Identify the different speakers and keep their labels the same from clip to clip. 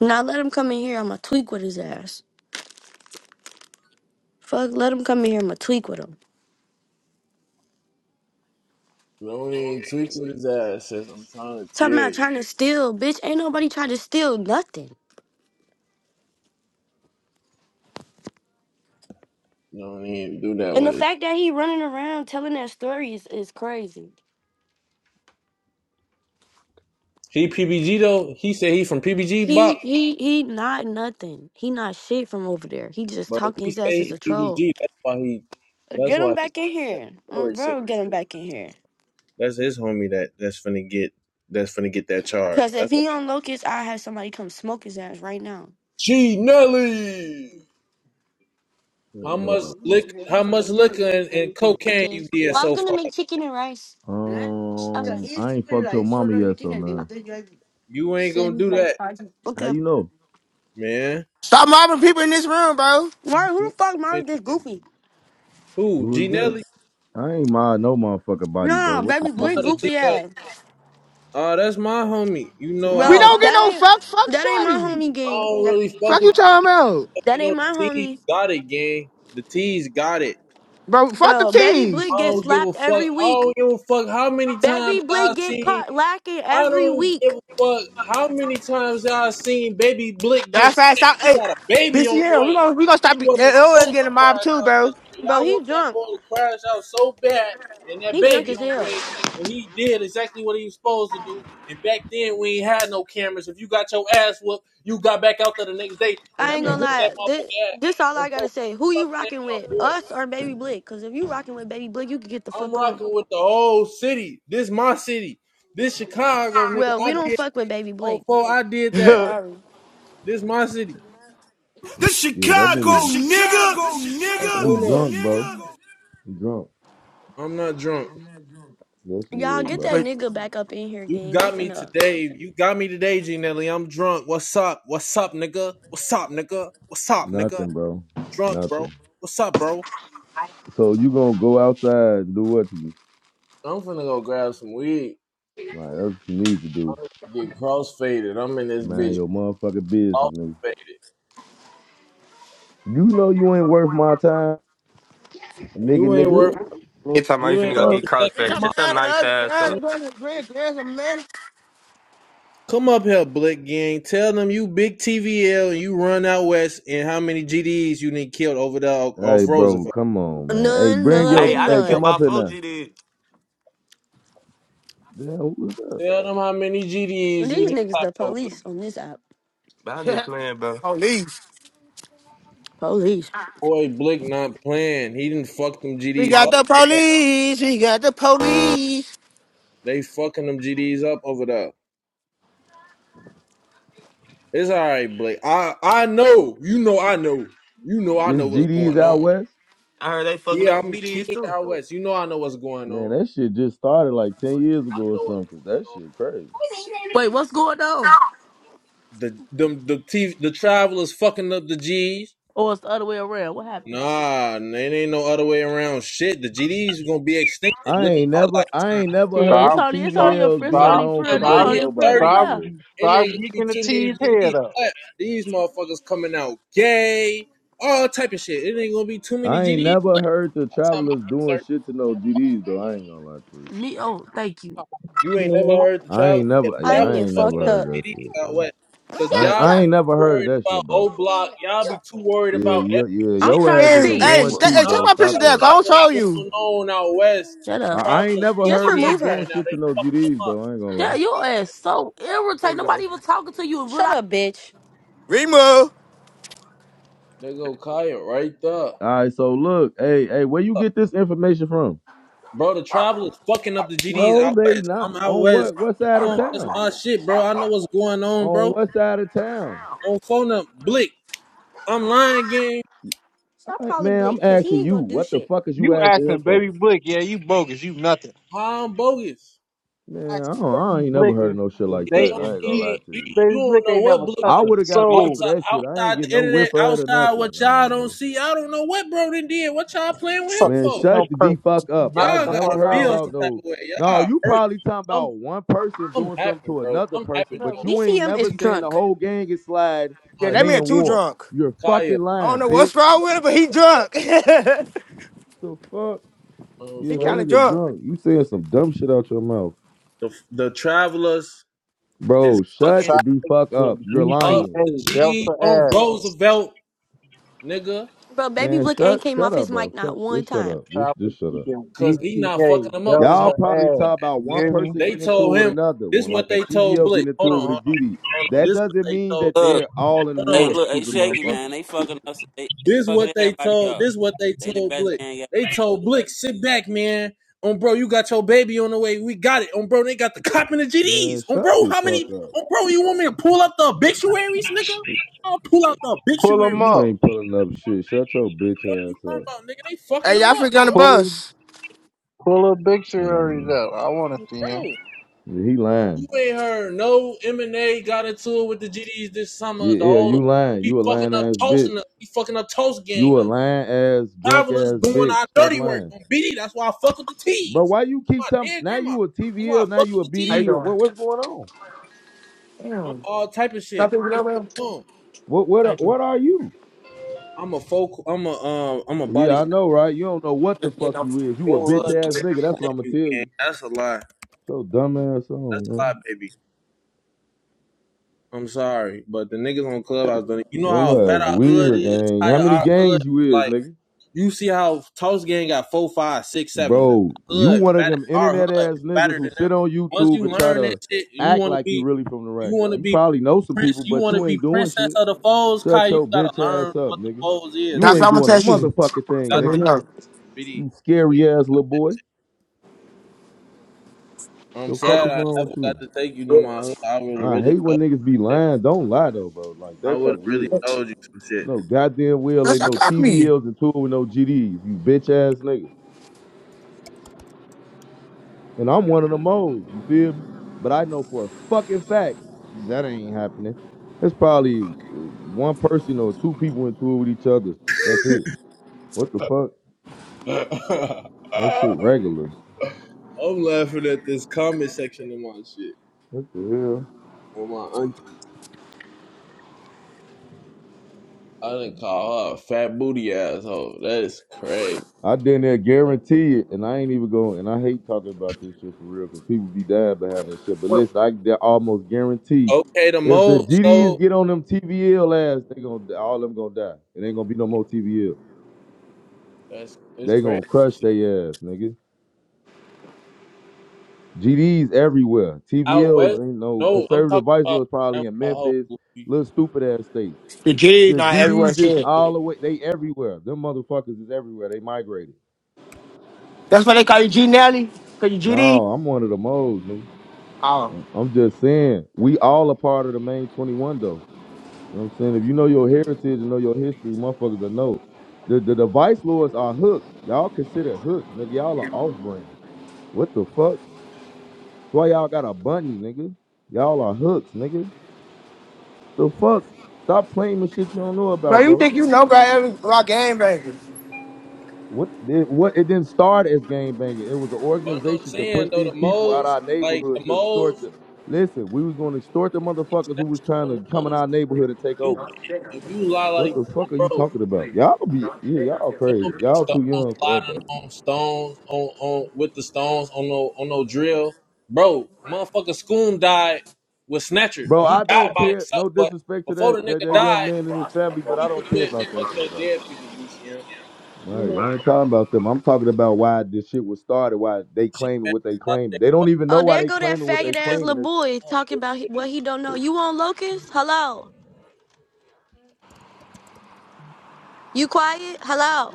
Speaker 1: Now let him come in here. I'ma tweak with his ass. Fuck, let him come in here. I'ma tweak with him.
Speaker 2: You know what I mean? Tweak with his ass says, I'm trying to
Speaker 1: Talking
Speaker 2: tell
Speaker 1: about
Speaker 2: you.
Speaker 1: trying to steal, bitch. Ain't nobody trying to steal nothing.
Speaker 2: You know what I mean? Do that
Speaker 1: And
Speaker 2: with
Speaker 1: the
Speaker 2: it.
Speaker 1: fact that he running around telling that story is, is crazy.
Speaker 2: He PBG though. He said he from PBG,
Speaker 1: He
Speaker 2: Bop.
Speaker 1: he he not nothing. He not shit from over there. He just
Speaker 2: But if
Speaker 1: talking.
Speaker 2: He
Speaker 1: His ass is
Speaker 2: say
Speaker 1: a troll.
Speaker 2: PBG. That's why he. That's
Speaker 1: Get him
Speaker 2: why he.
Speaker 1: back in
Speaker 2: That
Speaker 1: here, Mm,
Speaker 2: story said-
Speaker 1: bro. Get him back in here.
Speaker 2: That's his homie. That that's finna get. That's finna get that charge.
Speaker 1: Cause
Speaker 2: That's
Speaker 1: if
Speaker 2: why.
Speaker 1: he on locust, I have somebody come smoke his ass right now.
Speaker 2: G Nelly. How
Speaker 3: What
Speaker 2: much
Speaker 3: up?
Speaker 2: lick? How much liquor and, and cocaine
Speaker 1: Okay.
Speaker 2: you did
Speaker 1: Well, I was
Speaker 2: so
Speaker 1: gonna
Speaker 2: far?
Speaker 1: make chicken and rice. I
Speaker 3: Um, I ain't fucked your
Speaker 1: was-
Speaker 3: mama yet, so none.
Speaker 2: You ain't gonna do that,
Speaker 3: How
Speaker 1: Okay.
Speaker 3: you know?
Speaker 2: man.
Speaker 4: Stop mobbing people in this room, bro.
Speaker 1: Mark, who the fuck marked this goofy?
Speaker 2: Who?
Speaker 3: Who
Speaker 2: G
Speaker 3: is that?
Speaker 2: Nelly.
Speaker 3: I ain't mind no motherfucking body, bro.
Speaker 1: Nah,
Speaker 3: What the
Speaker 1: baby,
Speaker 2: Come
Speaker 3: fuck?
Speaker 1: bring
Speaker 3: Is
Speaker 2: out of
Speaker 3: that?
Speaker 2: G
Speaker 1: goofy
Speaker 2: Nelly.
Speaker 1: ass.
Speaker 2: Uh, that's my homie. You know, I
Speaker 4: We
Speaker 1: Bro,
Speaker 2: don't,
Speaker 4: don't get
Speaker 1: that
Speaker 4: no
Speaker 1: ain't
Speaker 4: fuck. Fuck
Speaker 1: that ain't my
Speaker 4: Shorty.
Speaker 1: homie
Speaker 2: I
Speaker 1: game.
Speaker 2: don't
Speaker 1: That,
Speaker 2: really fuck
Speaker 4: Fuck you
Speaker 2: with.
Speaker 4: talking about.
Speaker 2: You
Speaker 1: that
Speaker 2: know,
Speaker 1: ain't my
Speaker 2: the T's
Speaker 1: homie.
Speaker 2: got it, gang. The T's got it.
Speaker 4: Bro, fuck the
Speaker 1: Bro, baby Blick
Speaker 2: I
Speaker 4: teams.
Speaker 1: get
Speaker 2: don't give a
Speaker 1: slapped every
Speaker 2: fuck. I
Speaker 1: week.
Speaker 2: don't give a fuck how many
Speaker 1: Baby
Speaker 2: times
Speaker 1: Blick
Speaker 2: I
Speaker 1: get
Speaker 2: seen
Speaker 1: caught lacking
Speaker 2: I
Speaker 1: every
Speaker 2: don't give
Speaker 1: week.
Speaker 2: a fuck how many times y'all seen Baby Blick
Speaker 4: Y'all
Speaker 2: get
Speaker 4: fast
Speaker 2: sick.
Speaker 4: stop.
Speaker 2: He
Speaker 4: Hey,
Speaker 2: got a baby
Speaker 4: bitch,
Speaker 2: on the
Speaker 4: yeah, we
Speaker 2: way.
Speaker 4: gonna, we gonna
Speaker 2: He
Speaker 4: stop. Yeah,
Speaker 2: wasn't
Speaker 4: always
Speaker 2: supposed to
Speaker 4: getting mobbed
Speaker 2: crash
Speaker 4: too,
Speaker 2: out
Speaker 4: bro.
Speaker 2: this year.
Speaker 1: Bro,
Speaker 2: Y'all
Speaker 1: he
Speaker 2: want that
Speaker 1: drunk.
Speaker 2: boy to crash out so bad and that
Speaker 1: He drunk
Speaker 2: baby
Speaker 1: as
Speaker 2: on the
Speaker 1: hell.
Speaker 2: way. And he did exactly what he was supposed to do. And back then, we ain't had no cameras. If you got your ass whooped, you got back out there the next day
Speaker 1: I
Speaker 2: and,
Speaker 4: That
Speaker 1: ain't
Speaker 2: and
Speaker 4: man.
Speaker 1: gonna
Speaker 4: bitch.
Speaker 2: whooped that
Speaker 1: lie. This,
Speaker 2: motherfucking ass.
Speaker 1: this all
Speaker 2: And
Speaker 1: I gotta
Speaker 2: bro,
Speaker 1: say. Who
Speaker 2: stop
Speaker 1: you
Speaker 2: playing
Speaker 1: rocking
Speaker 2: my
Speaker 1: with?
Speaker 2: boy.
Speaker 1: Us or Baby Blick? Cause if you rocking with Baby Blick, you can get the
Speaker 2: I'm
Speaker 1: fuck on.
Speaker 2: rocking with the whole city. This my city. This Chicago, nigga.
Speaker 1: Well, we
Speaker 2: I
Speaker 1: don't
Speaker 2: did
Speaker 1: fuck with Baby
Speaker 2: Oh,
Speaker 1: Blick.
Speaker 2: boy, I did that.
Speaker 1: Sorry.
Speaker 2: This my city. This
Speaker 3: yeah, that
Speaker 2: Chicago,
Speaker 3: nigga,
Speaker 2: this Chicago nigga. Hey, nigga.
Speaker 3: he's
Speaker 2: pull
Speaker 3: drunk, bro.
Speaker 2: up.
Speaker 3: He drunk.
Speaker 2: I'm not drunk.
Speaker 3: Yes, you
Speaker 1: Y'all
Speaker 3: is,
Speaker 2: I'm
Speaker 1: get
Speaker 3: bro.
Speaker 2: drunk.
Speaker 1: that
Speaker 4: but,
Speaker 1: nigga back up in here,
Speaker 2: You
Speaker 1: gang. I'm
Speaker 2: got me
Speaker 1: finna
Speaker 2: today. You got me today, G Nelly. I'm drunk. What's up? What's up, nigga? What's up, nigga? What's up, nigga?
Speaker 3: Nothing, bro.
Speaker 2: Drunk, bro.
Speaker 3: Nothing.
Speaker 2: What's up, bro?
Speaker 3: So you gonna go outside and do what to me?
Speaker 2: I'm finna go grab some weed.
Speaker 3: Like that's what you need to do,
Speaker 2: I need to get crossfaded. I'm in this
Speaker 3: man.
Speaker 2: bitch
Speaker 3: Your motherfucking business, nigga.
Speaker 2: crossfaded.
Speaker 3: You know you ain't worth my time, nigga,
Speaker 2: You ain't
Speaker 3: nigga.
Speaker 2: worth.
Speaker 5: Anytime I
Speaker 2: You
Speaker 5: finna
Speaker 2: ain't
Speaker 5: go
Speaker 2: worth
Speaker 5: get
Speaker 3: Fuck.
Speaker 2: the second
Speaker 4: bitch,
Speaker 2: of
Speaker 5: crossfaded,
Speaker 4: I'm
Speaker 5: shut your
Speaker 4: mad at
Speaker 5: nice
Speaker 4: other,
Speaker 5: ass up.
Speaker 4: other, other, grand, grand, I'm mad.
Speaker 2: Come up here, Blick Gang. Tell them you big TVL and you run out west and how many GDs you need killed over there
Speaker 3: Hey,
Speaker 2: off
Speaker 3: bro,
Speaker 2: Roosevelt.
Speaker 3: come on, man. Hey,
Speaker 1: None,
Speaker 2: Come
Speaker 3: bring
Speaker 1: none,
Speaker 2: on,
Speaker 5: Hey,
Speaker 3: your.
Speaker 1: and
Speaker 5: I
Speaker 3: Hey,
Speaker 5: didn't kill
Speaker 2: bro.
Speaker 3: come
Speaker 1: none.
Speaker 3: up
Speaker 5: about
Speaker 3: here now.
Speaker 5: 4G, dude.
Speaker 3: Damn, who is that?
Speaker 2: Tell them how many GDs you
Speaker 1: These
Speaker 2: need
Speaker 1: niggas
Speaker 2: popped
Speaker 1: the
Speaker 2: over there.
Speaker 1: police on this app.
Speaker 5: But I'm just playing, bro.
Speaker 4: police.
Speaker 1: Police.
Speaker 2: Boy, Blick not playing. He didn't fuck them
Speaker 4: We
Speaker 2: GDs
Speaker 4: got
Speaker 2: up.
Speaker 4: the police. We got the police.
Speaker 2: They fucking them GDs up over there. It's all right, Blick. I I know. You know I know. You know I
Speaker 3: It's
Speaker 2: know what's
Speaker 3: GDs
Speaker 2: going
Speaker 3: out
Speaker 2: on.
Speaker 3: west.
Speaker 5: I heard they fucking up
Speaker 2: Yeah,
Speaker 5: the
Speaker 2: I'm king
Speaker 5: BDs,
Speaker 2: out west. You know I know what's going
Speaker 3: Man,
Speaker 2: on.
Speaker 3: that shit just started like ten years
Speaker 2: I
Speaker 3: ago or
Speaker 2: know what's
Speaker 3: something. Cause that
Speaker 2: going on.
Speaker 3: shit crazy.
Speaker 6: Wait, what's going on?
Speaker 2: The them the TV, the travelers fucking up the G's.
Speaker 6: Or it's the other way around. What happened?
Speaker 2: Nah, it ain't no other way around. Shit, the GDs gonna be extinct
Speaker 3: I
Speaker 2: within
Speaker 3: ain't
Speaker 2: our
Speaker 3: never, I
Speaker 2: lifetime.
Speaker 3: ain't
Speaker 6: Yeah,
Speaker 3: never heard
Speaker 6: it's
Speaker 3: the
Speaker 7: Stop,
Speaker 6: only it's
Speaker 7: stop,
Speaker 6: only a
Speaker 3: TVLs
Speaker 6: friend. It's
Speaker 2: By
Speaker 3: being
Speaker 2: the
Speaker 6: only
Speaker 7: stop,
Speaker 6: a
Speaker 3: known for
Speaker 6: friend.
Speaker 2: time
Speaker 6: It's
Speaker 2: I
Speaker 7: stop,
Speaker 3: killing
Speaker 6: only
Speaker 2: hit
Speaker 6: a friend.
Speaker 3: nobody
Speaker 6: Them
Speaker 2: thirty,
Speaker 3: for
Speaker 7: stop,
Speaker 6: left.
Speaker 3: real.
Speaker 2: it
Speaker 7: stop
Speaker 2: ain't gonna be
Speaker 7: geeking the
Speaker 2: too
Speaker 7: T's
Speaker 2: many GDs
Speaker 7: head up.
Speaker 2: left. These motherfuckers coming out gay, all type of shit. It ain't gonna be too many
Speaker 3: I ain't
Speaker 2: GDs
Speaker 3: never heard the
Speaker 2: by the time I
Speaker 3: travelers
Speaker 2: hit
Speaker 3: doing
Speaker 2: thirty.
Speaker 3: shit to no GDs though. I ain't gonna lie to you.
Speaker 6: Me oh, thank you.
Speaker 2: You ain't never
Speaker 7: Yeah.
Speaker 2: heard the
Speaker 3: I
Speaker 2: travel
Speaker 3: ain't
Speaker 2: yeah,
Speaker 3: never,
Speaker 2: the
Speaker 1: I
Speaker 3: yeah,
Speaker 1: ain't
Speaker 3: I
Speaker 2: travelers
Speaker 1: get
Speaker 3: ain't never
Speaker 2: fucking
Speaker 1: fucked
Speaker 2: up
Speaker 3: heard
Speaker 1: up.
Speaker 2: the
Speaker 3: that shit,
Speaker 2: GDs out
Speaker 3: bro.
Speaker 2: west. Cause
Speaker 3: I ain't,
Speaker 2: y'all
Speaker 3: I
Speaker 2: be
Speaker 3: ain't never heard of
Speaker 2: worried
Speaker 3: that shit,
Speaker 2: about O
Speaker 3: bro.
Speaker 2: Block. Y'all be too worried
Speaker 3: Yeah,
Speaker 2: about
Speaker 3: yeah, yeah.
Speaker 2: FBG.
Speaker 6: I'm
Speaker 3: Your
Speaker 6: trying
Speaker 3: ass
Speaker 6: to
Speaker 3: is
Speaker 4: Hey,
Speaker 3: a
Speaker 6: see.
Speaker 4: hey, stay,
Speaker 6: What-
Speaker 3: warranty,
Speaker 4: hey,
Speaker 2: No,
Speaker 4: take
Speaker 3: bro.
Speaker 4: my
Speaker 2: I'm
Speaker 4: picture
Speaker 3: Stop
Speaker 2: telling
Speaker 4: down,
Speaker 3: that.
Speaker 4: 'cause I
Speaker 2: y'all
Speaker 4: don't show
Speaker 2: what's
Speaker 4: you.
Speaker 2: going on out west.
Speaker 6: Shut
Speaker 3: I,
Speaker 6: up.
Speaker 3: I ain't
Speaker 2: Travelers
Speaker 3: never
Speaker 1: Just
Speaker 2: getting it
Speaker 3: heard of
Speaker 2: in
Speaker 3: them
Speaker 1: remove
Speaker 2: right
Speaker 3: doing
Speaker 1: her.
Speaker 2: now.
Speaker 3: shit
Speaker 2: They
Speaker 3: to no
Speaker 2: fucking them
Speaker 3: GDs
Speaker 2: up.
Speaker 3: though. I ain't gonna
Speaker 2: They
Speaker 3: lie.
Speaker 6: Yeah,
Speaker 2: getting it
Speaker 6: your
Speaker 2: in.
Speaker 6: ass so
Speaker 4: There
Speaker 6: irritating.
Speaker 4: you go.
Speaker 6: Nobody even talking to you.
Speaker 1: Shut up, bitch.
Speaker 4: Remo.
Speaker 2: They go Kaya right there.
Speaker 3: All right, so look, hey, hey, where you get this information from?
Speaker 2: Bro, the travelers fucking up the GDs
Speaker 3: No,
Speaker 2: out
Speaker 3: they
Speaker 2: west.
Speaker 3: not.
Speaker 2: I'm out
Speaker 3: On
Speaker 2: west.
Speaker 3: what? What side
Speaker 2: I'm
Speaker 3: of
Speaker 2: on this
Speaker 3: town?
Speaker 2: my shit, bro. I know what's going on,
Speaker 3: On
Speaker 2: bro.
Speaker 3: what side of town?
Speaker 2: Don't phone them. Blick. I'm lying game.
Speaker 3: All
Speaker 1: Stop
Speaker 3: right,
Speaker 1: calling
Speaker 3: man, I'm
Speaker 1: Blick, cause he
Speaker 3: asking
Speaker 1: ain't
Speaker 3: you.
Speaker 1: gonna do
Speaker 3: What the
Speaker 1: shit.
Speaker 3: fuck is you
Speaker 7: You
Speaker 3: asking him
Speaker 7: asking
Speaker 3: for?
Speaker 7: baby Blick, yeah, you bogus, you nothing.
Speaker 2: I'm bogus.
Speaker 3: Man, I
Speaker 7: Asking
Speaker 3: don't, I
Speaker 7: baby
Speaker 3: ain't never
Speaker 7: Blick
Speaker 3: heard of
Speaker 7: if,
Speaker 3: no shit
Speaker 7: if
Speaker 3: like
Speaker 2: He
Speaker 7: they
Speaker 2: on
Speaker 3: that. I
Speaker 7: if
Speaker 3: ain't gonna
Speaker 7: he
Speaker 3: lie
Speaker 2: he,
Speaker 3: to
Speaker 2: he,
Speaker 3: you.
Speaker 2: you
Speaker 7: baby
Speaker 2: don't
Speaker 7: Blick
Speaker 2: know
Speaker 7: ain't
Speaker 2: what
Speaker 7: never
Speaker 2: Blick
Speaker 3: I
Speaker 7: touched
Speaker 2: did
Speaker 7: a
Speaker 3: would have got a whiff
Speaker 7: soul.
Speaker 3: of
Speaker 2: outside
Speaker 3: that shit. I ain't
Speaker 2: outside
Speaker 3: getting
Speaker 2: the
Speaker 3: no
Speaker 2: internet,
Speaker 3: whiff of it or
Speaker 2: outside
Speaker 3: nothing.
Speaker 2: what y'all
Speaker 3: No,
Speaker 2: don't see. I don't know what bro done did. What y'all playing with
Speaker 7: Fuck
Speaker 2: him
Speaker 3: Man,
Speaker 2: for?
Speaker 7: him
Speaker 3: shut the D
Speaker 7: person.
Speaker 3: fuck up.
Speaker 7: Knock it
Speaker 3: I've
Speaker 2: Y'all
Speaker 7: the
Speaker 3: never
Speaker 2: gotta
Speaker 7: fuck
Speaker 3: heard
Speaker 2: feel
Speaker 7: out.
Speaker 3: about
Speaker 2: some type of
Speaker 3: no.
Speaker 2: way.
Speaker 3: No,
Speaker 2: Y'all
Speaker 3: you
Speaker 2: hurt.
Speaker 3: probably talking
Speaker 2: Some
Speaker 3: about one person
Speaker 2: something
Speaker 3: doing something
Speaker 2: happened,
Speaker 3: to
Speaker 2: bro.
Speaker 3: another
Speaker 2: Something
Speaker 3: person,
Speaker 2: happened
Speaker 1: Bro,
Speaker 3: but
Speaker 2: down
Speaker 3: you ain't
Speaker 2: the
Speaker 1: BCM
Speaker 3: never
Speaker 1: is
Speaker 3: saying the
Speaker 1: drunk.
Speaker 3: whole gang is sliding
Speaker 4: Yeah,
Speaker 3: and
Speaker 2: line.
Speaker 4: that
Speaker 2: Uh,
Speaker 3: they
Speaker 4: man
Speaker 3: in
Speaker 4: too
Speaker 3: war.
Speaker 4: drunk.
Speaker 3: You're
Speaker 2: Kaya,
Speaker 3: fucking
Speaker 4: I don't
Speaker 3: lying,
Speaker 4: know
Speaker 3: bitch.
Speaker 4: what's wrong with him, but he drunk.
Speaker 3: The fuck?
Speaker 2: um,
Speaker 4: he
Speaker 3: Yeah, that
Speaker 2: so
Speaker 4: kind of
Speaker 3: nigga
Speaker 4: drunk.
Speaker 3: drunk. You saying some dumb shit out your mouth.
Speaker 2: the the travelers is
Speaker 3: Bro, shut
Speaker 2: fucking
Speaker 3: the
Speaker 7: Child
Speaker 3: D
Speaker 7: is
Speaker 3: fuck up. You're
Speaker 7: getting
Speaker 2: up
Speaker 3: lying.
Speaker 2: the
Speaker 7: BCA
Speaker 2: GD
Speaker 7: Delta
Speaker 2: on
Speaker 7: ass.
Speaker 2: Roosevelt, nigga,
Speaker 1: Bro, baby
Speaker 3: Man,
Speaker 1: Blick ain't
Speaker 3: shut
Speaker 1: came
Speaker 3: shut
Speaker 1: off
Speaker 3: up,
Speaker 1: his
Speaker 3: bro.
Speaker 1: mic not
Speaker 3: Shut
Speaker 1: one
Speaker 3: just shut
Speaker 1: time.
Speaker 3: up.
Speaker 7: Child
Speaker 3: Just just shut
Speaker 7: is
Speaker 3: up.
Speaker 7: getting
Speaker 2: cause he not
Speaker 7: BCA
Speaker 2: fucking them up. His
Speaker 3: Y'all
Speaker 2: home.
Speaker 7: Delta
Speaker 3: probably
Speaker 7: ass.
Speaker 3: talk about
Speaker 7: You
Speaker 3: one
Speaker 7: hear me?
Speaker 3: person
Speaker 2: They
Speaker 3: getting into it
Speaker 2: told
Speaker 3: with
Speaker 2: him
Speaker 3: another
Speaker 2: this.
Speaker 3: one,
Speaker 2: Is What
Speaker 3: like a
Speaker 2: they told
Speaker 3: TVL
Speaker 2: Blick.
Speaker 3: getting
Speaker 2: Hold
Speaker 3: into it
Speaker 2: on,
Speaker 3: with a
Speaker 2: hold on,
Speaker 3: GD.
Speaker 2: hold on.
Speaker 3: That
Speaker 2: This is
Speaker 3: doesn't
Speaker 2: what they
Speaker 3: mean
Speaker 2: told.
Speaker 3: that
Speaker 8: Look,
Speaker 3: they're all in
Speaker 2: Hold
Speaker 8: hey,
Speaker 2: on,
Speaker 3: war,
Speaker 8: look, hey,
Speaker 3: stupid
Speaker 2: because
Speaker 8: Shaky man,
Speaker 3: motherfucker.
Speaker 8: they
Speaker 2: you
Speaker 8: fucking us, they, they
Speaker 2: This what
Speaker 8: fucking
Speaker 2: they
Speaker 8: everybody
Speaker 2: told.
Speaker 8: up.
Speaker 2: This what they
Speaker 8: They the
Speaker 2: told
Speaker 8: best
Speaker 2: Blick.
Speaker 8: gang
Speaker 2: They told Blick, sit back, man. On bro, you got your baby on the way. We got it. On bro, they got the cop and the GDs.
Speaker 3: Man,
Speaker 2: On
Speaker 3: shut
Speaker 2: bro,
Speaker 3: the
Speaker 2: how many?
Speaker 3: fuck up.
Speaker 2: On bro, you want me to pull up the obituaries, nigga? I'll pull out the
Speaker 7: Pull him
Speaker 2: obituary, nigga.
Speaker 3: You
Speaker 7: up.
Speaker 3: ain't pulling up shit. Shut your bitch
Speaker 2: What you
Speaker 3: ass
Speaker 2: talking
Speaker 3: up.
Speaker 2: about, nigga? They fucking
Speaker 4: Hey,
Speaker 2: them
Speaker 4: y'all
Speaker 2: up,
Speaker 4: freaking on the
Speaker 2: yo.
Speaker 7: Pull
Speaker 4: bus.
Speaker 7: pull a dictionaries
Speaker 3: Mm.
Speaker 7: up. I wanna see him.
Speaker 2: Bro,
Speaker 3: He lying.
Speaker 2: you ain't heard no M and A got into it with the GDs this summer.
Speaker 3: Yeah,
Speaker 2: The
Speaker 3: yeah,
Speaker 2: whole
Speaker 3: you lying.
Speaker 2: we
Speaker 3: You a lying
Speaker 2: fucking up
Speaker 3: ass bitch.
Speaker 2: toasting. the- We fucking up toast gang.
Speaker 3: You a lying ass, drunk
Speaker 2: travelers
Speaker 3: ass
Speaker 2: doing
Speaker 3: bitch.
Speaker 2: our
Speaker 3: Stop
Speaker 2: dirty work
Speaker 3: lying.
Speaker 2: on BD. That's why I fuck with the
Speaker 3: Bro,
Speaker 2: T's.
Speaker 3: why you keep
Speaker 2: My
Speaker 3: telling
Speaker 2: dead
Speaker 3: now
Speaker 2: grandma. That's
Speaker 3: you a
Speaker 2: why I
Speaker 3: TVL, now
Speaker 2: fuck
Speaker 3: you
Speaker 2: with
Speaker 3: a
Speaker 2: the
Speaker 4: How you
Speaker 3: BD?
Speaker 2: T's.
Speaker 4: doing?
Speaker 3: What, what's going on?
Speaker 2: I'm
Speaker 4: Damn.
Speaker 2: all type of
Speaker 4: Some
Speaker 2: shit.
Speaker 4: people know him.
Speaker 2: Boom.
Speaker 3: What what are, what are you?
Speaker 2: I'm a folk. I'm a um. I'm a
Speaker 3: Yeah,
Speaker 2: body.
Speaker 3: I
Speaker 2: snatcher.
Speaker 3: know, right? You don't know what the
Speaker 4: You
Speaker 3: fuck
Speaker 4: know.
Speaker 3: you is. You a
Speaker 2: Your
Speaker 3: bitch
Speaker 2: hood
Speaker 3: ass
Speaker 2: ain't
Speaker 3: nigga. That's what
Speaker 2: playing
Speaker 3: I'm gonna
Speaker 2: you,
Speaker 3: tell
Speaker 2: gang.
Speaker 3: you.
Speaker 2: That's a lie.
Speaker 3: So dumb ass
Speaker 2: That's
Speaker 3: on,
Speaker 2: a lie,
Speaker 3: man.
Speaker 2: baby. I'm sorry, but the niggas on Clubhouse done it. You know how
Speaker 3: Yo
Speaker 2: fat
Speaker 3: ass
Speaker 2: our hood
Speaker 3: weird,
Speaker 2: is,
Speaker 3: gang. How
Speaker 2: higher
Speaker 3: many
Speaker 2: our hood.
Speaker 3: gangs you is,
Speaker 2: Like
Speaker 3: nigga?
Speaker 2: you see how Toast Gang got four, five, six, seven. Now.
Speaker 3: Bro, you
Speaker 2: Hood,
Speaker 3: one of
Speaker 2: fatter,
Speaker 3: them
Speaker 2: our hood
Speaker 3: internet ass
Speaker 2: is
Speaker 3: niggas
Speaker 2: fatter
Speaker 3: who
Speaker 2: than them.
Speaker 3: sit on
Speaker 2: Once
Speaker 3: YouTube
Speaker 2: you
Speaker 3: and try
Speaker 2: learn that
Speaker 3: to
Speaker 2: shit, you
Speaker 3: act
Speaker 2: want to
Speaker 3: like you
Speaker 2: be
Speaker 3: really from the
Speaker 2: You
Speaker 3: rack.
Speaker 2: want to
Speaker 3: You
Speaker 2: be
Speaker 3: probably know some
Speaker 2: prince.
Speaker 3: people,
Speaker 2: You
Speaker 3: but
Speaker 2: want to
Speaker 3: you ain't
Speaker 2: be
Speaker 3: doing
Speaker 2: princess
Speaker 3: shit.
Speaker 2: of the foes, Kai.
Speaker 3: Shut
Speaker 2: You
Speaker 3: your
Speaker 2: gotta
Speaker 3: bitch
Speaker 2: learn
Speaker 3: ass up,
Speaker 2: what the
Speaker 3: nigga.
Speaker 2: foes is,
Speaker 3: You
Speaker 4: That's what
Speaker 3: ain't
Speaker 2: baby.
Speaker 4: I'm gonna
Speaker 3: doing a
Speaker 4: tell you.
Speaker 3: motherfucking thing,
Speaker 4: For
Speaker 2: Got
Speaker 4: me,
Speaker 2: this,
Speaker 3: nigga.
Speaker 4: no.
Speaker 2: BD.
Speaker 3: You scary ass little boy.
Speaker 2: I'm
Speaker 3: The fuck
Speaker 2: sad
Speaker 3: is
Speaker 2: I
Speaker 3: wrong
Speaker 2: never
Speaker 3: with
Speaker 2: got
Speaker 3: you?
Speaker 2: to take you to my hood. I would have
Speaker 3: I
Speaker 2: really
Speaker 3: hate when
Speaker 2: told
Speaker 3: niggas be
Speaker 2: you.
Speaker 3: lying. Don't lie though, bro. Like
Speaker 2: I
Speaker 3: that
Speaker 2: would
Speaker 3: shit
Speaker 2: have really
Speaker 3: weird.
Speaker 2: told you some shit.
Speaker 3: No goddamn well
Speaker 4: That's
Speaker 3: ain't
Speaker 4: what
Speaker 3: no
Speaker 4: got me.
Speaker 3: TVLs and tour with no GDs, you bitch ass niggas. And I'm one of the moles, you feel me? But I know for a fucking fact that ain't happening. It's probably uh, one person or two people in tour with each other. That's it. What the fuck? That shit regular.
Speaker 2: I'm laughing at this comment section of my shit.
Speaker 3: What the hell?
Speaker 2: On my auntie, I didn't call her a fat booty asshole. That is crazy.
Speaker 3: I didn't there guarantee it, and I ain't even going. And I hate talking about this shit for real because people be dying behind this shit. But listen, I can almost guarantee
Speaker 2: Okay, the
Speaker 3: if the
Speaker 2: mode.
Speaker 3: GDs
Speaker 2: So
Speaker 3: get on them TVL ass, they gonna all of them gonna die. It ain't gonna be no more TVL.
Speaker 2: that's it's
Speaker 3: They
Speaker 2: crazy.
Speaker 3: gonna crush their ass, nigga. GDs everywhere.
Speaker 2: Out west.
Speaker 3: TVLs ain't no
Speaker 2: No, I'm talking
Speaker 3: conservative vice
Speaker 2: about
Speaker 3: was probably
Speaker 2: grandma
Speaker 3: in
Speaker 2: hoe,
Speaker 3: Memphis,
Speaker 2: goofy.
Speaker 3: little stupid ass state.
Speaker 4: The G
Speaker 3: The
Speaker 4: not everywhere
Speaker 3: GDs is all
Speaker 4: shit.
Speaker 3: the way. They everywhere. Them motherfuckers is everywhere. They migrated.
Speaker 4: That's why they call you G Nelly. Cause you GD.
Speaker 3: No, I'm one of the moles, nigga.
Speaker 4: Oh.
Speaker 3: I'm just saying, we all a part of the main 21, though. You know what I'm saying? If you know your heritage and know your history, motherfuckers will know. The, the, the vice lords are hooks. Y'all consider hooks, nigga. Y'all are off brand. What the fuck? That's why y'all got a bunny, nigga. Y'all are hooks, nigga. The fuck? Stop playing with shit you don't know
Speaker 4: Bro,
Speaker 3: about,
Speaker 4: you
Speaker 3: bro.
Speaker 4: think you know, bro, every rock game baby.
Speaker 3: What did what it didn't start as gang banging. It was an
Speaker 2: But I'm
Speaker 3: organization to push
Speaker 2: saying though,
Speaker 3: these
Speaker 2: the
Speaker 3: people out of
Speaker 2: moles,
Speaker 3: our
Speaker 2: like the
Speaker 3: neighborhoods to extort
Speaker 2: moles,
Speaker 3: the listen, we was gonna extort the
Speaker 2: it's
Speaker 3: motherfuckers who was trying
Speaker 2: natural
Speaker 3: to come in
Speaker 2: moles.
Speaker 3: our neighborhood and take
Speaker 2: You
Speaker 3: over.
Speaker 2: can, if you lie
Speaker 3: What
Speaker 2: like
Speaker 3: the fuck are you
Speaker 2: bro,
Speaker 3: talking about? Y'all be yeah, y'all
Speaker 2: it
Speaker 3: crazy.
Speaker 2: don't be
Speaker 3: Y'all too
Speaker 2: stones
Speaker 3: young for that
Speaker 2: sliding
Speaker 3: though.
Speaker 2: on stones on on with the stones on no on no drill, bro. Motherfucker, Scoon died with Snatcher.
Speaker 3: Bro,
Speaker 2: He
Speaker 3: I
Speaker 2: died
Speaker 3: don't
Speaker 2: by
Speaker 3: care.
Speaker 2: himself,
Speaker 3: No
Speaker 2: but
Speaker 3: disrespect to
Speaker 2: before
Speaker 3: that
Speaker 2: the
Speaker 3: that,
Speaker 2: nigga
Speaker 3: that young
Speaker 2: died,
Speaker 3: man and his family, but I
Speaker 2: he was
Speaker 3: don't care
Speaker 2: with
Speaker 3: about that
Speaker 2: fuck your
Speaker 3: shit, bro.
Speaker 2: dead people, BCM. You
Speaker 3: Like,
Speaker 2: know,
Speaker 3: I ain't talking about them. I'm talking about why this shit was started, why they
Speaker 2: she
Speaker 3: claiming
Speaker 2: man
Speaker 3: what they
Speaker 2: out
Speaker 3: claiming.
Speaker 2: there
Speaker 3: They don't
Speaker 2: fucking
Speaker 3: even
Speaker 1: Oh,
Speaker 3: know why
Speaker 1: there
Speaker 3: they
Speaker 1: go that
Speaker 3: claiming what
Speaker 2: big
Speaker 3: they
Speaker 1: faggot ass
Speaker 2: daddy.
Speaker 3: claiming.
Speaker 1: little
Speaker 3: It's,
Speaker 1: boy
Speaker 2: uh,
Speaker 1: talking about he- what he don't know.
Speaker 3: oh,
Speaker 1: You on locust? Hello. You quiet? Hello.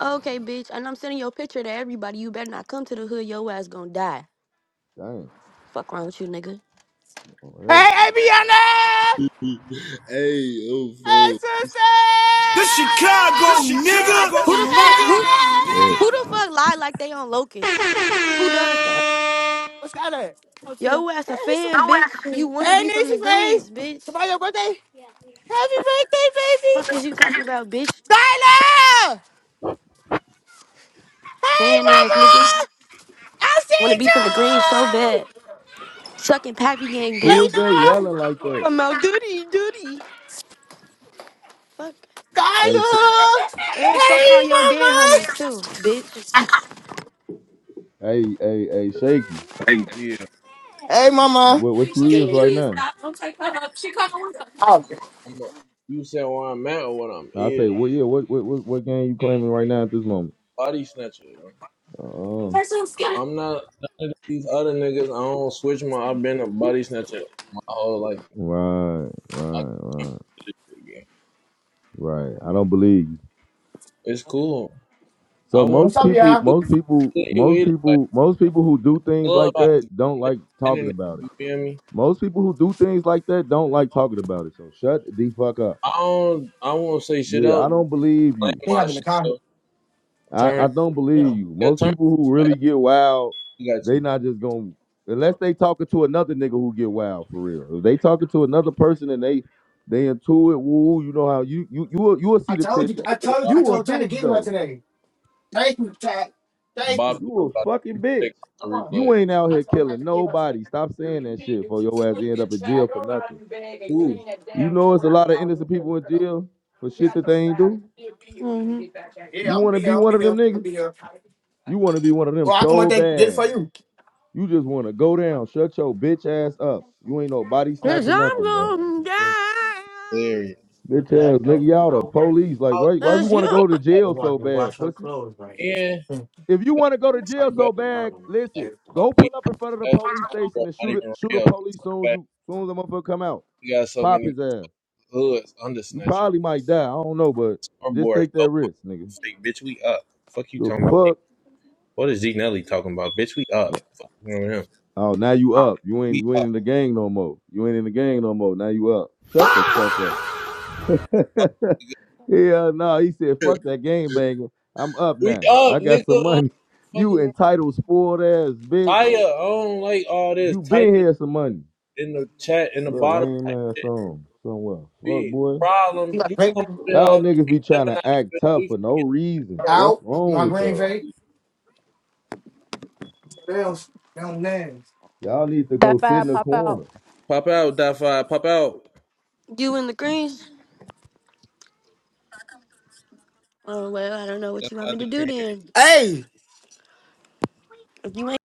Speaker 1: Okay, bitch. And I'm sending your picture to everybody. You better not come to the hood. Your ass gonna die.
Speaker 3: damn.
Speaker 1: Fuck wrong with you, nigga.
Speaker 3: Oh,
Speaker 4: Hey, hey, Bianna!
Speaker 2: Hey, uh,
Speaker 4: Hey, sister!
Speaker 2: This Chicago, this Chicago
Speaker 1: Who
Speaker 2: nigga.
Speaker 1: the fuck?
Speaker 2: nigga,
Speaker 1: Who?
Speaker 3: yeah. Yeah.
Speaker 2: nigga,
Speaker 1: Who the fuck lie like they on
Speaker 9: Thank
Speaker 1: locust? Who does that?
Speaker 9: you.
Speaker 4: What's that at?
Speaker 1: Yo ass a fan, bitch. You wanna
Speaker 4: Hey,
Speaker 1: be from the
Speaker 4: Niecy face!
Speaker 1: greens, bitch.
Speaker 4: Somebody your birthday? Happy birthday, baby!
Speaker 1: Fuck is you talking about, bitch?
Speaker 4: Skylar! Hey,
Speaker 1: Fan ass nigga.
Speaker 4: mama! I
Speaker 1: Wanna
Speaker 4: see
Speaker 1: be from the greens so
Speaker 4: you!
Speaker 1: bad. Sucking Pappy Gang
Speaker 3: Who
Speaker 1: dick.
Speaker 4: Hey,
Speaker 3: is that
Speaker 4: no!
Speaker 3: yelling like that?
Speaker 1: I'm out duty, duty. Fuck.
Speaker 3: Hey, sh-
Speaker 4: Skylar!
Speaker 1: And fuck all
Speaker 4: Hey,
Speaker 1: your dead homies
Speaker 4: mama!
Speaker 1: too, bitch.
Speaker 3: hey, hey, hey, shaky.
Speaker 2: Yeah.
Speaker 4: Hey, mama!
Speaker 3: What what you is right now?
Speaker 4: Oh,
Speaker 2: I'm a, you said where I'm at or what I'm
Speaker 3: I say,
Speaker 2: is.
Speaker 3: well, yeah, what what what, what game you claiming right now at this moment?
Speaker 2: Body snatcher. bro.
Speaker 3: Uh-uh.
Speaker 2: I'm not none of these other niggas. I don't switch my. I've been a body snatcher my whole life.
Speaker 3: Right,
Speaker 2: I
Speaker 3: right,
Speaker 2: can't
Speaker 3: right,
Speaker 2: do this shit again.
Speaker 3: right. I don't believe you.
Speaker 2: It's cool. I
Speaker 3: So
Speaker 2: want
Speaker 4: what's
Speaker 3: most
Speaker 2: to
Speaker 4: up,
Speaker 2: see
Speaker 3: people,
Speaker 4: y'all?
Speaker 3: most people,
Speaker 2: you
Speaker 3: most
Speaker 2: either. Like
Speaker 3: people, most people who do things like
Speaker 2: clubhouse,
Speaker 3: that don't like talking
Speaker 2: internet.
Speaker 3: about it.
Speaker 2: You feel me?
Speaker 3: Most people who do things like that don't like talking about it. So shut the fuck up.
Speaker 2: I don't. I won't say shit
Speaker 3: Yeah,
Speaker 2: else.
Speaker 3: I don't believe
Speaker 2: Like
Speaker 3: you.
Speaker 2: my shit. Though.
Speaker 3: I,
Speaker 2: Turn.
Speaker 3: I don't believe you.
Speaker 2: Yeah,
Speaker 3: Most
Speaker 2: turn.
Speaker 3: people who
Speaker 2: Like,
Speaker 3: really get wild,
Speaker 2: I got
Speaker 3: they
Speaker 2: you.
Speaker 3: not just gonna unless they talking to another nigga who get wild for real. If they talking to another person and they they intuit, woo, you know how you you you will, you will see the tension. You a bitch though.
Speaker 4: Thank you, Chad. Thank
Speaker 2: Bob
Speaker 4: you.
Speaker 3: You
Speaker 2: Pino
Speaker 3: a
Speaker 2: got to
Speaker 3: fucking bitch.
Speaker 2: take off the replay.
Speaker 3: You ain't out here killing nobody. Stop saying that shit for your ass end up in jail for nothing.
Speaker 2: Ooh,
Speaker 3: You know it's a lot of innocent people in jail for shit that they ain't do.
Speaker 1: Mm-hmm.
Speaker 3: You wanna be
Speaker 4: Don't be
Speaker 3: one of
Speaker 4: here.
Speaker 3: them niggas? You wanna be one of them
Speaker 4: Well, I come up
Speaker 3: so
Speaker 4: there and get it for
Speaker 3: bad.
Speaker 4: you.
Speaker 3: You just wanna go down, shut your bitch ass up. You ain't no body
Speaker 1: Cause
Speaker 3: snatching nothing, bro.
Speaker 1: I'm going down.
Speaker 2: hilarious.
Speaker 3: Bitch ass nigga, y'all the police. Like why why
Speaker 2: Also,
Speaker 3: you
Speaker 1: Cause
Speaker 3: wanna
Speaker 1: you.
Speaker 3: go to jail so bad, pussy?
Speaker 2: yeah,
Speaker 3: If you wanna go to jail
Speaker 2: you better
Speaker 3: so bad,
Speaker 2: like,
Speaker 3: listen,
Speaker 2: bro,
Speaker 3: go pull
Speaker 2: we
Speaker 3: up in front of the
Speaker 2: that's
Speaker 3: police station and
Speaker 2: not
Speaker 3: shoot a
Speaker 2: even
Speaker 3: shoot a
Speaker 2: real. Just
Speaker 3: police soon
Speaker 2: the
Speaker 3: as
Speaker 2: fact
Speaker 3: you soon as the motherfucker come out.
Speaker 2: we got so
Speaker 3: Pop
Speaker 2: many
Speaker 3: his ass.
Speaker 2: hoods under
Speaker 3: You
Speaker 2: snatchers.
Speaker 3: probably might die. I don't know, but
Speaker 2: Our
Speaker 3: just
Speaker 2: boy is
Speaker 3: take
Speaker 2: so
Speaker 3: that
Speaker 2: on
Speaker 3: risk, nigga.
Speaker 2: fake. Bitch, we up. Fuck you
Speaker 3: The
Speaker 2: talking about. D-
Speaker 3: fuck?
Speaker 2: What is Z Nelly talking about? Bitch, we up.
Speaker 3: Yeah.
Speaker 2: Fuck you know him.
Speaker 3: Oh, now you up. You ain't
Speaker 2: We
Speaker 3: you ain't
Speaker 2: up.
Speaker 3: in the gang no more. You ain't in the gang no more. Now you up. Shut the fuck up.
Speaker 2: nigga.
Speaker 3: yeah, no, he said, fuck that game banger. I'm up
Speaker 2: We
Speaker 3: now. I
Speaker 2: up,
Speaker 3: got some
Speaker 2: nigga.
Speaker 3: money. You
Speaker 2: Fucking
Speaker 3: entitled spoiled ass bitch.
Speaker 2: Taya, I don't like all this
Speaker 3: You been
Speaker 2: typing
Speaker 3: here some money.
Speaker 2: in the chat in the
Speaker 3: Little
Speaker 2: bottom.
Speaker 3: lame
Speaker 2: type
Speaker 3: ass
Speaker 2: shit.
Speaker 3: song somewhere. Fuck
Speaker 2: big
Speaker 3: boy.
Speaker 4: You
Speaker 2: problem.
Speaker 4: got
Speaker 2: You
Speaker 4: drink
Speaker 2: come up.
Speaker 3: Y'all niggas be trying
Speaker 2: Gemini,
Speaker 3: to act tough
Speaker 2: you
Speaker 3: for no
Speaker 2: get the
Speaker 3: reason.
Speaker 2: pussy.
Speaker 3: What's
Speaker 4: out,
Speaker 3: wrong
Speaker 4: my
Speaker 3: with
Speaker 4: green
Speaker 3: y'all?
Speaker 4: face, bills, them names.
Speaker 3: Y'all need to go
Speaker 10: That
Speaker 3: sit
Speaker 10: fire
Speaker 3: in the
Speaker 10: pop out.
Speaker 3: corner.
Speaker 2: Pop out, that five. Pop out.
Speaker 1: You in the greens? Oh well, I don't know what you want me
Speaker 2: That's
Speaker 1: to
Speaker 2: the
Speaker 1: do then.
Speaker 4: Hey!
Speaker 1: If you ain't